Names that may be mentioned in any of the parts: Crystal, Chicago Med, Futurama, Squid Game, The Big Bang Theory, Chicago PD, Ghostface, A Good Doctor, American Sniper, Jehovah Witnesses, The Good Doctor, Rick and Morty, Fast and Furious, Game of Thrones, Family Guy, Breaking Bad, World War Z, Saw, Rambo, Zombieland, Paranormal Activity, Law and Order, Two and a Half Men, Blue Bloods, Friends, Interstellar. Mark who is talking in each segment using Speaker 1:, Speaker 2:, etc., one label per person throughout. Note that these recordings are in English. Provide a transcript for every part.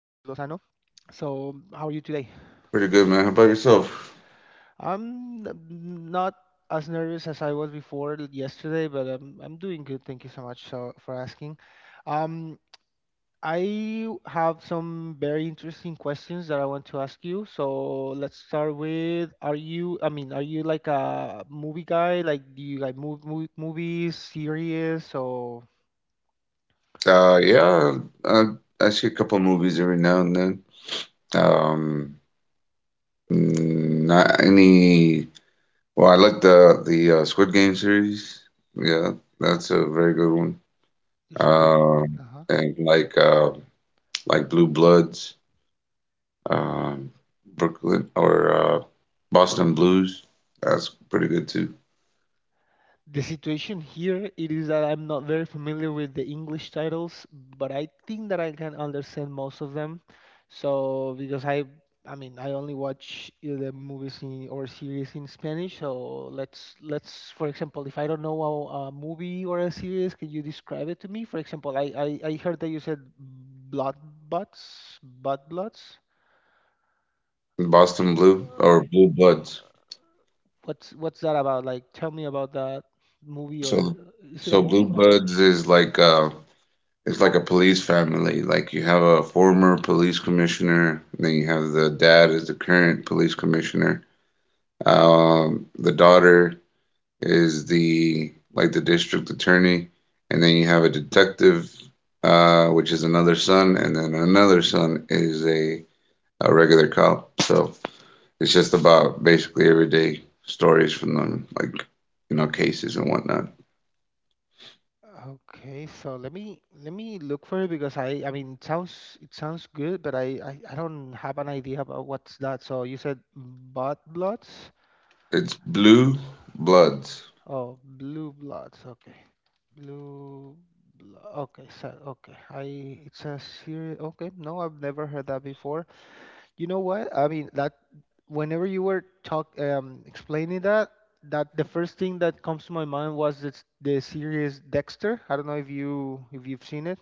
Speaker 1: So, how are you today?
Speaker 2: Pretty good, man. How about yourself?
Speaker 1: I'm not as nervous as I was before yesterday, but I'm doing good. Thank you so much so, for asking. Um, I have some very interesting questions that I want to ask you. So, let's start with. Are you like a movie guy? Like, do you like movies, series, or
Speaker 2: Uh, yeah, I, I see a couple movies every now and then. Um, not any. Well, I like the Squid Game series. Yeah, that's a very good one.
Speaker 1: just good?
Speaker 2: Um, and like Blue Bloods, um, Brooklyn or Boston Blues. That's pretty good too.
Speaker 1: The situation here it is that I'm not very familiar with the English titles, but I think that I can understand most of them. So because I only watch the movies in, or series in Spanish. So let's for example, if I don't know a movie or a series, can you describe it to me? For example, I heard that you said blood butts, blood bloods.
Speaker 2: Boston Blue
Speaker 1: Uh,
Speaker 2: or Blue Bloods.
Speaker 1: what's that about? Like, tell me about that movie, or
Speaker 2: So
Speaker 1: is it a
Speaker 2: so Blue
Speaker 1: movie?
Speaker 2: Bloods is it's like a police family. Like you have a former police commissioner, and then you have the dad is the current police commissioner. The daughter is the like the district attorney, and then you have a detective, which is another son, and then another son is a regular cop. So it's just about basically everyday stories from them, like you know cases and whatnot.
Speaker 1: Okay, so let me look for it because I mean it sounds good, but I don't have an idea about what's that. So you said bot bloods?
Speaker 2: It's Blue Bloods.
Speaker 1: Oh, blue bloods. Okay. Blue Okay, so okay. I it's a series okay, no, I've never heard that before. You know what? I mean that whenever you were talk explaining that that the first thing that comes to my mind was this the series Dexter. I don't know if you if you've seen it.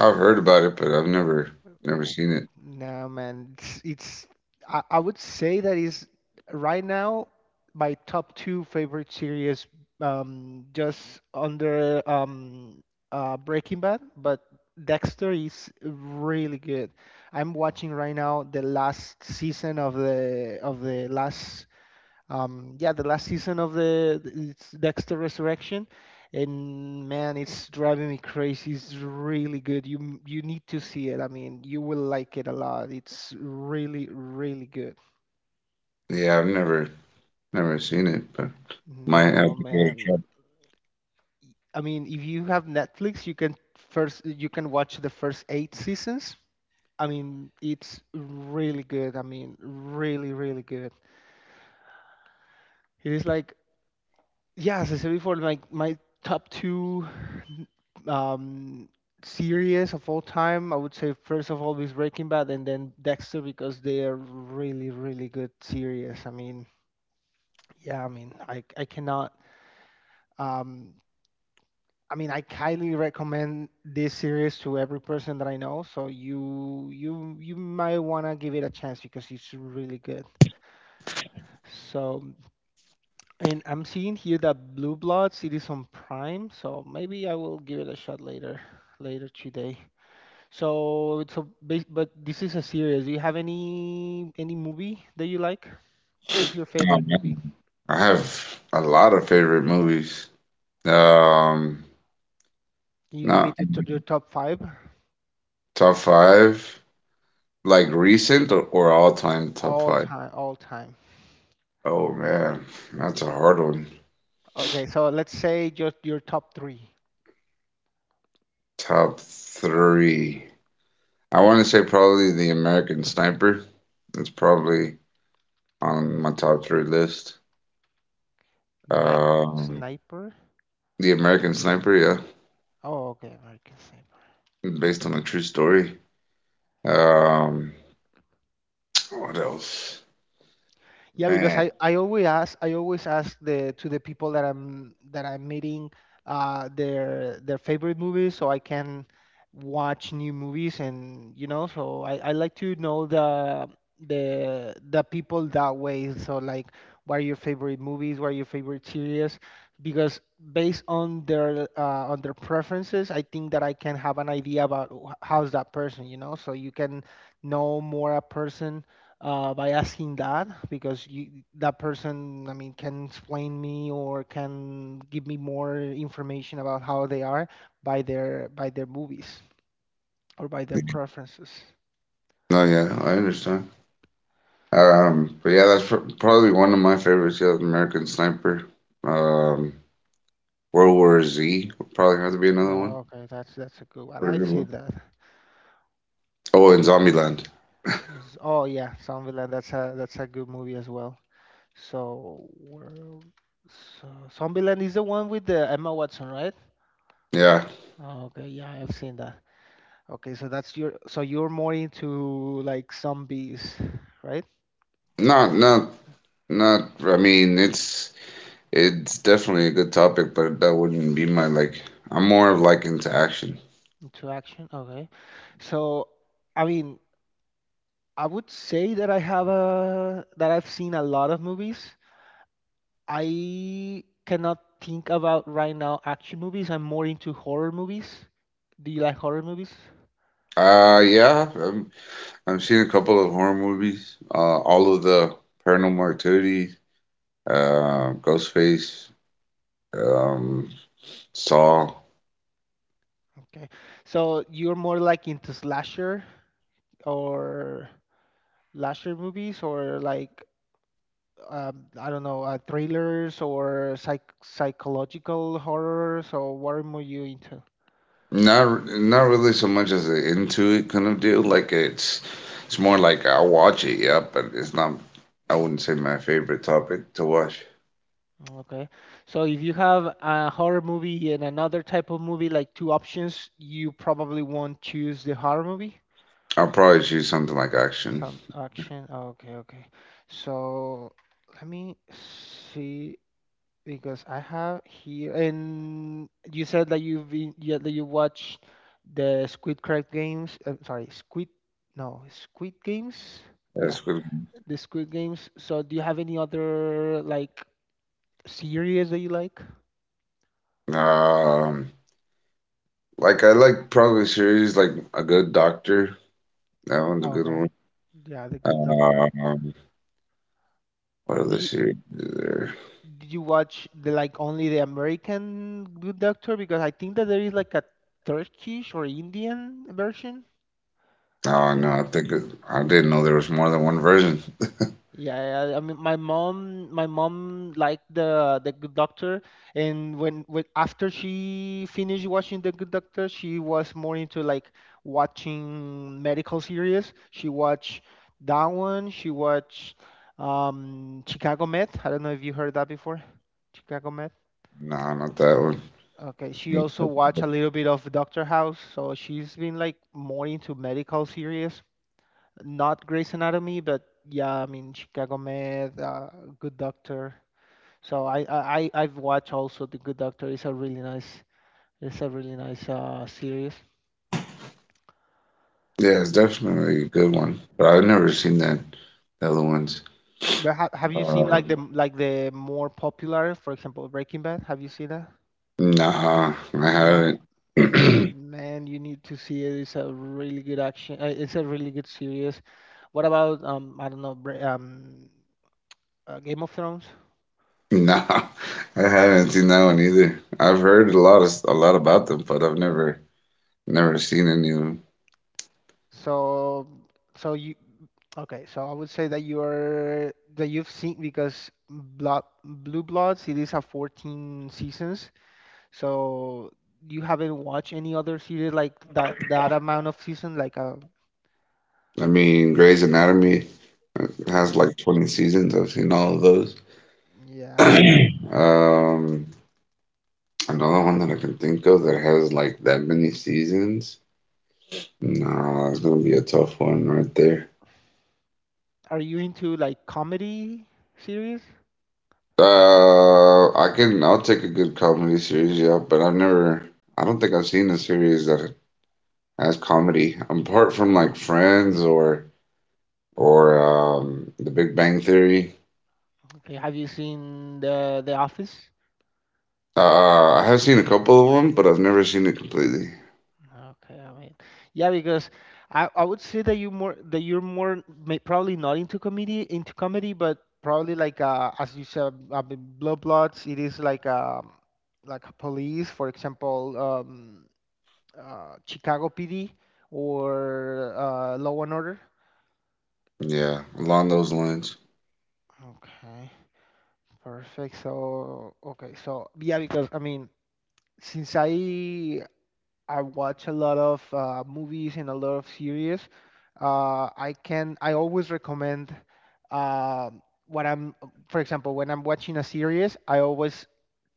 Speaker 2: I've heard about it, but I've never seen it.
Speaker 1: Nah, man, it's, it's I would say that is right now my top two favorite series, just under Breaking Bad, but Dexter is really good. I'm watching right now the last season of the last season of the. It's Dexter Resurrection, and man, it's driving me crazy. It's really good. You need to see it. I mean, you will like it a lot. It's really really good.
Speaker 2: Yeah, I've never seen it, but might
Speaker 1: No,
Speaker 2: have to go
Speaker 1: man,
Speaker 2: track
Speaker 1: I mean if you have Netflix you can. First you can watch the first eight seasons. I mean it's really good. I mean really really good. It is like, yeah, as I said before, like my top two um, series of all time, I would say first of all is Breaking Bad, and then Dexter because they are really, really good series. I mean, yeah, I mean, I cannot. Um, I mean, I highly recommend this series to every person that I know. So you might wanna give it a chance because it's really good. So. And I'm seeing here that Blue Bloods it is on Prime, so maybe I will give it a shot later, later today. But this is a series. Do you have any movie that you like? What's your favorite
Speaker 2: down.
Speaker 1: movie?
Speaker 2: I have a lot of favorite movies. Um,
Speaker 1: Can you give me
Speaker 2: not
Speaker 1: your top five?
Speaker 2: top five, like recent or all time top
Speaker 1: All
Speaker 2: five.
Speaker 1: time, all time.
Speaker 2: Oh man, that's a hard one.
Speaker 1: Okay, so let's say just your top three.
Speaker 2: Top three. I want to say probably The American Sniper. That's probably on my top three list.
Speaker 1: Mac and
Speaker 2: Um,
Speaker 1: Sniper.
Speaker 2: The American Sniper, yeah,
Speaker 1: Oh, okay, American Sniper.
Speaker 2: based on a true story. Um, what else?
Speaker 1: Yeah, because
Speaker 2: Man.
Speaker 1: I always ask the to the people that I'm meeting their favorite movies so I can watch new movies, and you know so I like to know the people that way. So like, what are your favorite movies, what are your favorite series? Because based on their preferences, I think that I can have an idea about how's that person, you know. So you can know more a person by asking that, because you, that person, I mean, can explain me or can give me more information about how they are by their movies or by their preferences.
Speaker 2: No, yeah, I understand. But yeah, that's probably one of my favorites. Yeah, American Sniper. Um, World War Z would probably have to be another
Speaker 1: Oh,
Speaker 2: one.
Speaker 1: okay, that's a good one.
Speaker 2: Pretty
Speaker 1: I've
Speaker 2: good one.
Speaker 1: seen that.
Speaker 2: Oh, and Zombieland.
Speaker 1: Oh yeah, Zombieland. That's a good movie as well. So, where- so, Zombieland is the one with the Emma Watson, right?
Speaker 2: Yeah,
Speaker 1: Oh, okay, yeah, I've seen that. Okay, so that's your, so you're more into like zombies, right?
Speaker 2: not not not. I mean, it's definitely a good topic, but that wouldn't be my like. I'm more of like into action.
Speaker 1: Into action. Okay. So, I mean, I would say that I have a that I've seen a lot of movies. I cannot think about right now action movies. I'm more into horror movies. Do you like horror movies?
Speaker 2: Yeah, I'm, I've seen a couple of horror movies. All of the Paranormal Activity, Ghostface. Um, Saw.
Speaker 1: Okay. So you're more like into slasher, or slasher movies, or like I don't know, thrillers or psychological horrors, or what are more you into?
Speaker 2: Not really so much as an into it kind of deal. Like it's more like I'll watch it, yeah, but it's not. I wouldn't say my favorite topic to watch.
Speaker 1: Okay. So if you have a horror movie and another type of movie, like two options, you probably won't choose the horror movie.
Speaker 2: I'll probably choose something like action.
Speaker 1: Some action. Oh, okay, okay. So let me see because I have here, and you said that you've been, yeah, that you watched the Squid Crack games. Sorry, Squid no, Squid Games. Yeah,
Speaker 2: That's good.
Speaker 1: the Squid Games. So do you have any other like series that you like?
Speaker 2: Um, like I like probably series like A Good Doctor. That one's a good
Speaker 1: Okay.
Speaker 2: one.
Speaker 1: Yeah, the Good Doctor.
Speaker 2: Um, what
Speaker 1: But
Speaker 2: other
Speaker 1: you,
Speaker 2: series is there?
Speaker 1: did you watch the like only the American Good Doctor? Because I think that there is like a Turkish or Indian version. I
Speaker 2: Oh no,
Speaker 1: think.
Speaker 2: I think I didn't know there was more than one version.
Speaker 1: Yeah, yeah, yeah. I mean, my mom liked the Good Doctor, and when after she finished watching the Good Doctor, she was more into like watching medical series. She watched that one. She watched Chicago Med. I don't know if you heard that before. Chicago Med.
Speaker 2: No, not that one.
Speaker 1: Okay, she also watched a little bit of Doctor House, so she's been like more into medical series, not Grey's Anatomy, but yeah, I mean Chicago Med, Good Doctor. So I've watched also The Good Doctor. It's a really nice, it's a really nice series.
Speaker 2: Yeah, it's definitely a good one. But I've never seen that the other ones.
Speaker 1: But ha have you seen like
Speaker 2: Um,
Speaker 1: the, like the more popular, for example, Breaking Bad? Have you seen that?
Speaker 2: nah, I
Speaker 1: No,
Speaker 2: haven't.
Speaker 1: mm, man, you need to see it. It's a really good action. It's a really good series. What about I don't know Bra- Game of Thrones?
Speaker 2: Nah, I haven't seen that one either. I've heard a lot of a lot about them, but I've never seen any of them.
Speaker 1: So so you okay? So I would say that you are that you've seen because Blood Blue Bloods it is a 14 seasons. So you haven't watched any other series like that that amount of season like
Speaker 2: I mean, Grey's Anatomy has
Speaker 1: Chris.
Speaker 2: like 20 seasons. I've seen all of those.
Speaker 1: Yeah.
Speaker 2: Um, another one that I can think of that has like that many seasons. Nah, it's gonna be a tough one right there.
Speaker 1: Are you into like comedy series?
Speaker 2: I'll take a good comedy series, yeah, but I don't think I've seen a series that has comedy apart from like Friends or The Big Bang Theory.
Speaker 1: Okay, have you seen The Office?
Speaker 2: I have seen a couple of them, but I've never seen it completely.
Speaker 1: Okay, I mean, yeah, because I would say that you more that you're more may, probably not into comedy into comedy, but probably like as you said, Blood Bloods. It is like a police, for example, Chicago PD or Law and Order.
Speaker 2: Yeah, along those lines.
Speaker 1: Okay, perfect. So okay, so yeah, because I mean, since I watch a lot of movies and a lot of series. I always recommend uh, what I'm for example when I'm watching a series I always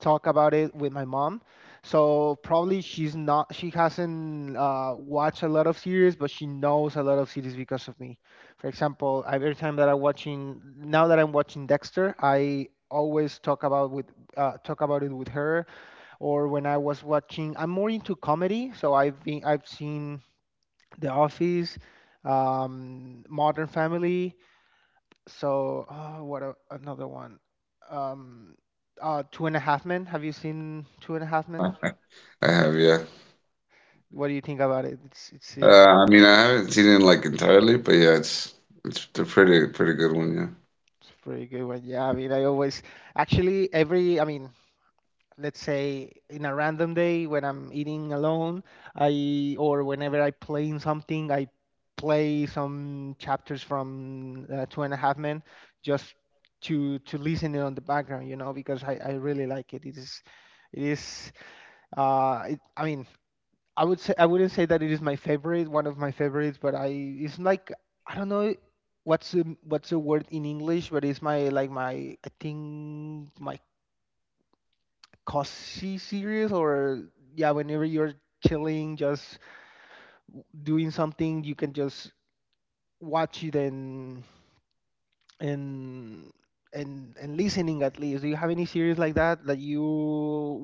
Speaker 1: talk about it with my mom. So probably she hasn't watched a lot of series, but she knows a lot of series because of me. For example, every time that I'm watching Dexter I always talk about with talk about it with her, or when I was watching. I'm more into comedy, so I've seen The Office, Modern Family. So another one? Um, Two and a Half Men. Have you seen Two and a Half Men?
Speaker 2: Huh. I have, yeah.
Speaker 1: What do you think about it? It's it's it's
Speaker 2: I mean, I haven't seen it like entirely, but yeah, it's a pretty good one, yeah.
Speaker 1: a pretty good one. Yeah, I mean, I always actually every I mean let's say in a random day when I'm eating alone, I or whenever I playing something, I play some chapters from Two and a Half Men just to listen it on the background, you know, because I really like it. It is it is it, I mean I would say I wouldn't say that it is my favorite, one of my favorites, but I it's like I don't know what's the word in English, but it's my like my I think my cozy series, or yeah whenever you're chilling, just doing something you can just watch it and and listening at least. Do you have any series like that that you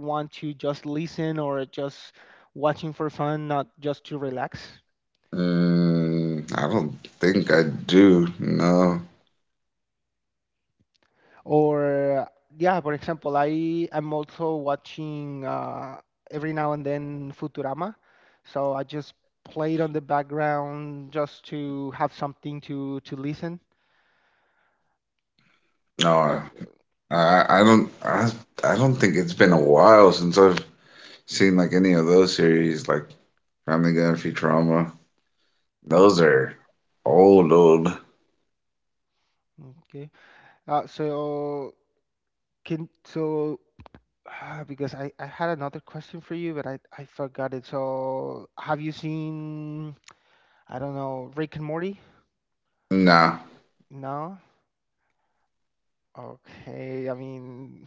Speaker 1: want to just listen or just watching for fun, not just to relax?
Speaker 2: Mm, I don't think I do. No,
Speaker 1: Or yeah, for example, I am also watching every now and then Futurama, so I just play it on the background just to have something to listen.
Speaker 2: no,
Speaker 1: I don't-
Speaker 2: I I don't I, I don't think it's been a while since I've seen like any of those series like Family Guy and Futurama. Those are old old.
Speaker 1: Okay. So can so because I had another question for you, but I forgot it. So have you seen, I don't know, Rick and Morty?
Speaker 2: Nah,
Speaker 1: No. Okay. I mean.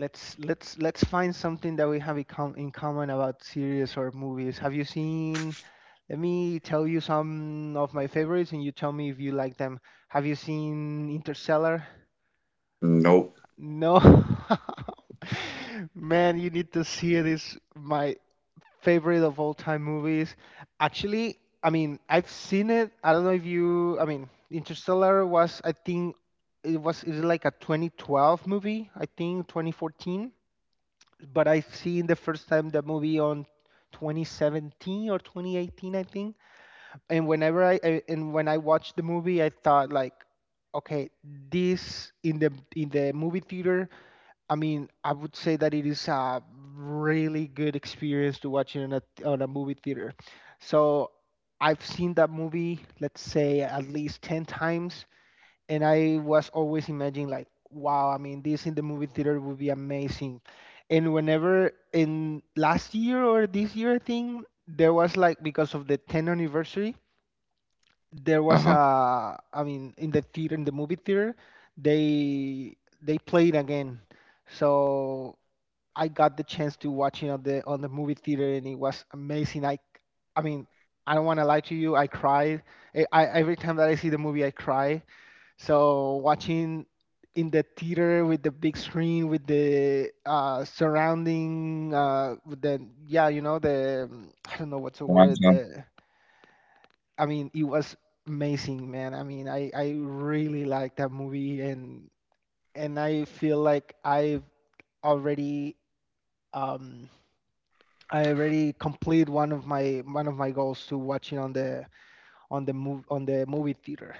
Speaker 1: Let's find something that we have in common about series or movies. Have you seen? Let me tell you some of my favorites, and you tell me if you like them. Have you seen Interstellar?
Speaker 2: nope.
Speaker 1: No, man, you need to see it. It's my favorite of all time movies. Actually, I mean, I've seen it. I don't know if you. I mean, Interstellar was, I think, it was. It like a 2012 movie. I think 2014, but I've seen the first time the movie on 2017 or 2018, I think. And when I watched the movie, I thought like, okay, this in the movie theater. I mean, I would say that it is a really good experience to watch it on a movie theater. So I've seen that movie, let's say at least 10 times, and I was always imagining like, wow, I mean, this in the movie theater would be amazing. And whenever in last year or this year, I think there was like because of the 10th anniversary, there was
Speaker 2: Uh-huh.
Speaker 1: a, I mean, in the theater, in the movie theater, they they played again. So I got the chance to watch it on the movie theater, and it was amazing. I mean, I don't want to lie to you, I cried. I Every time that I see the movie, I cry, so watching in the theater with the big screen, with the surrounding, with the yeah, the I don't know what's the word. The, I mean, it was amazing, man. I mean, I really liked that movie, and I feel like I've already um I already complete one of my goals to watching on the move on the movie theater.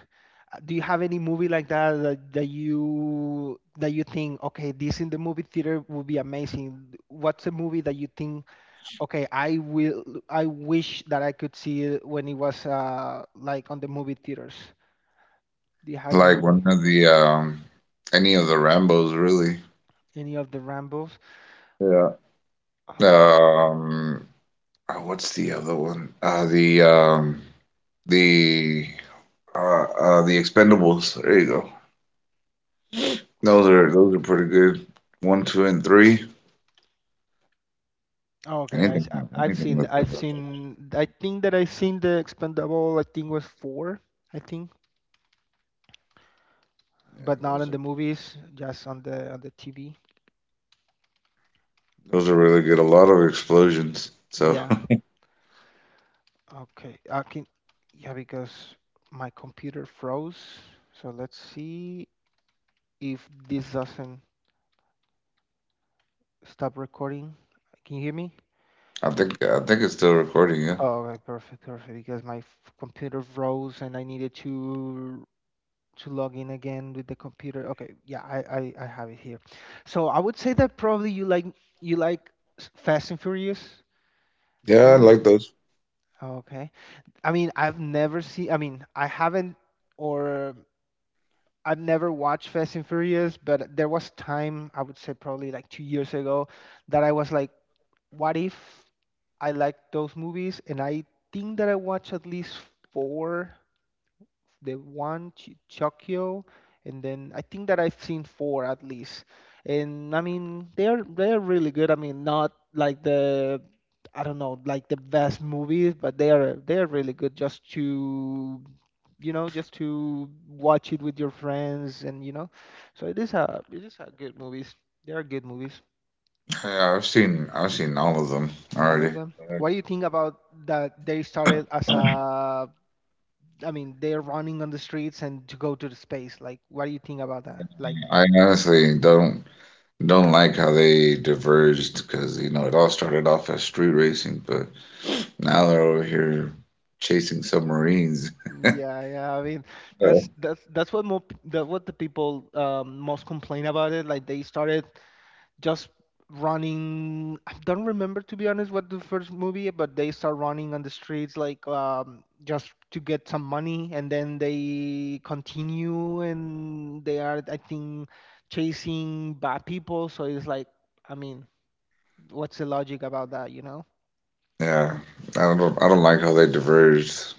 Speaker 1: Do you have any movie like that, that you think, okay, this in the movie theater would be amazing? What's a movie that you think, okay, I will, I wish that I could see it when it was like on the movie theaters? Do you have any
Speaker 2: Like one
Speaker 1: movie?
Speaker 2: of the any of the Rambos really.
Speaker 1: Any of the Rambos?
Speaker 2: Yeah.
Speaker 1: Okay.
Speaker 2: Um what's the other one? The the Expendables. There you go. Those are pretty good. One, two, and three.
Speaker 1: Okay,
Speaker 2: Anything,
Speaker 1: I, have
Speaker 2: anything
Speaker 1: seen
Speaker 2: with the
Speaker 1: I've seen I think that I've seen the Expendable, I think, was four, I think,
Speaker 2: Yeah,
Speaker 1: but not in the movies, just on the TV.
Speaker 2: those are really good. A lot of explosions. So
Speaker 1: Yeah. Okay, I can, yeah, because my computer froze. So let's see if this doesn't stop recording. Can you hear me?
Speaker 2: I think it's still recording. Yeah.
Speaker 1: Oh, okay, perfect, perfect. Because my computer froze and I needed to log in again with the computer. Okay, yeah, I have it here. So I would say that probably you like Fast and Furious
Speaker 2: Yeah, I
Speaker 1: movie.
Speaker 2: like those.
Speaker 1: Okay. I mean, I've never seen. I mean, I haven't, or I've never watched Fast and Furious, but there was time, I would say probably like 2 years ago, that I was like, what if I like those movies? And I think that I watched at least four, the one Chokyo, and then I think that I've seen four at least. And I mean, they're really good. I mean, not like the, I don't know, like the best movies, but they are really good just to, you know, just to watch it with your friends and you know. So it is a good movies. They are good movies,
Speaker 2: Yeah, I've seen all of them
Speaker 1: all of
Speaker 2: already.
Speaker 1: them. What do you think about that they started as a, I mean, they're running on the streets and to go to the space. Like, what do you think about that? Like,
Speaker 2: I honestly don't like how they diverged because you know it all started off as street racing, but now they're over here chasing submarines.
Speaker 1: yeah, yeah. I mean, that's that's that's what more p- that what the people most complain about it. Like, they started just running. I don't remember to be honest what the first movie, but they start running on the streets like just to get some money, and then they continue and they are, I think, chasing bad people. So it's like, I mean, what's the logic about that? You know?
Speaker 2: Yeah, I don't like how they diverged.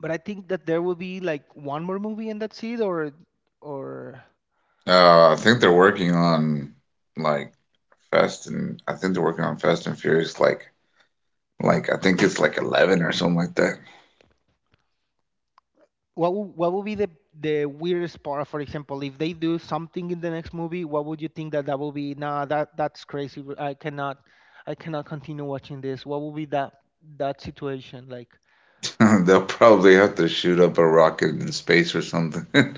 Speaker 1: But I think that there will be like one more movie and that's it, or
Speaker 2: I think they're working on like Fast and I think they're working on Fast and Furious like I think it's like 11 or something like that.
Speaker 1: what would be the weirdest part? For example, if they do something in the next movie, what would you think that that will be? Nah, that that's crazy. I cannot, I cannot continue watching this. What would be that that situation like?
Speaker 2: They'll probably have to shoot up a rocket in space or something.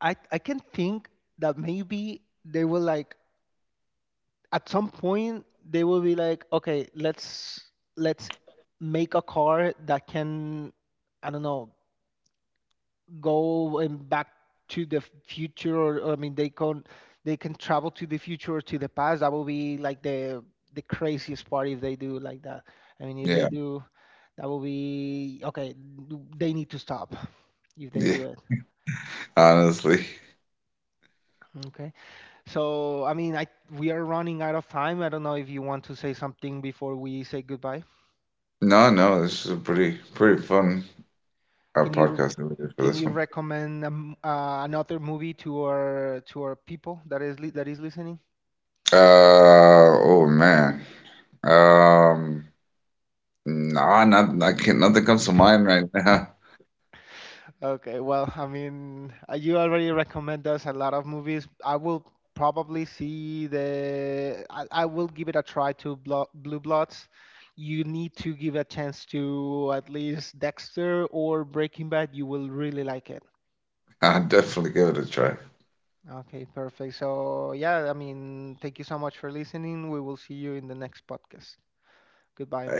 Speaker 1: I can think that maybe they will like, at some point they will be like, okay, let's make a car that can, I don't know, go and back to the future. Or, I mean, they can travel to the future or to the past. That will be like the craziest part if they do like that. I mean, if they
Speaker 2: Yeah,
Speaker 1: do, that will be, okay, they need to stop if they
Speaker 2: yeah.
Speaker 1: do it.
Speaker 2: Honestly,
Speaker 1: Okay, so I mean, I, we are running out of time. I don't know if you want to say something before we say goodbye.
Speaker 2: no, no. This is a pretty fun
Speaker 1: Can you,
Speaker 2: podcast that we did for
Speaker 1: can
Speaker 2: this
Speaker 1: you
Speaker 2: one.
Speaker 1: recommend another movie to our people that is that is listening?
Speaker 2: Uh oh man. Um, nah, not I can't. Nothing comes to mind right now.
Speaker 1: Okay, well, I mean, you already recommend us a lot of movies. I will probably see the. I will give it a try to Blue Bloods. You need to give a chance to at least Dexter or Breaking Bad. You will really like it.
Speaker 2: I'd definitely give it a try.
Speaker 1: Okay, perfect. So, yeah, I mean, thank you so much for listening. We will see you in the next podcast. Goodbye.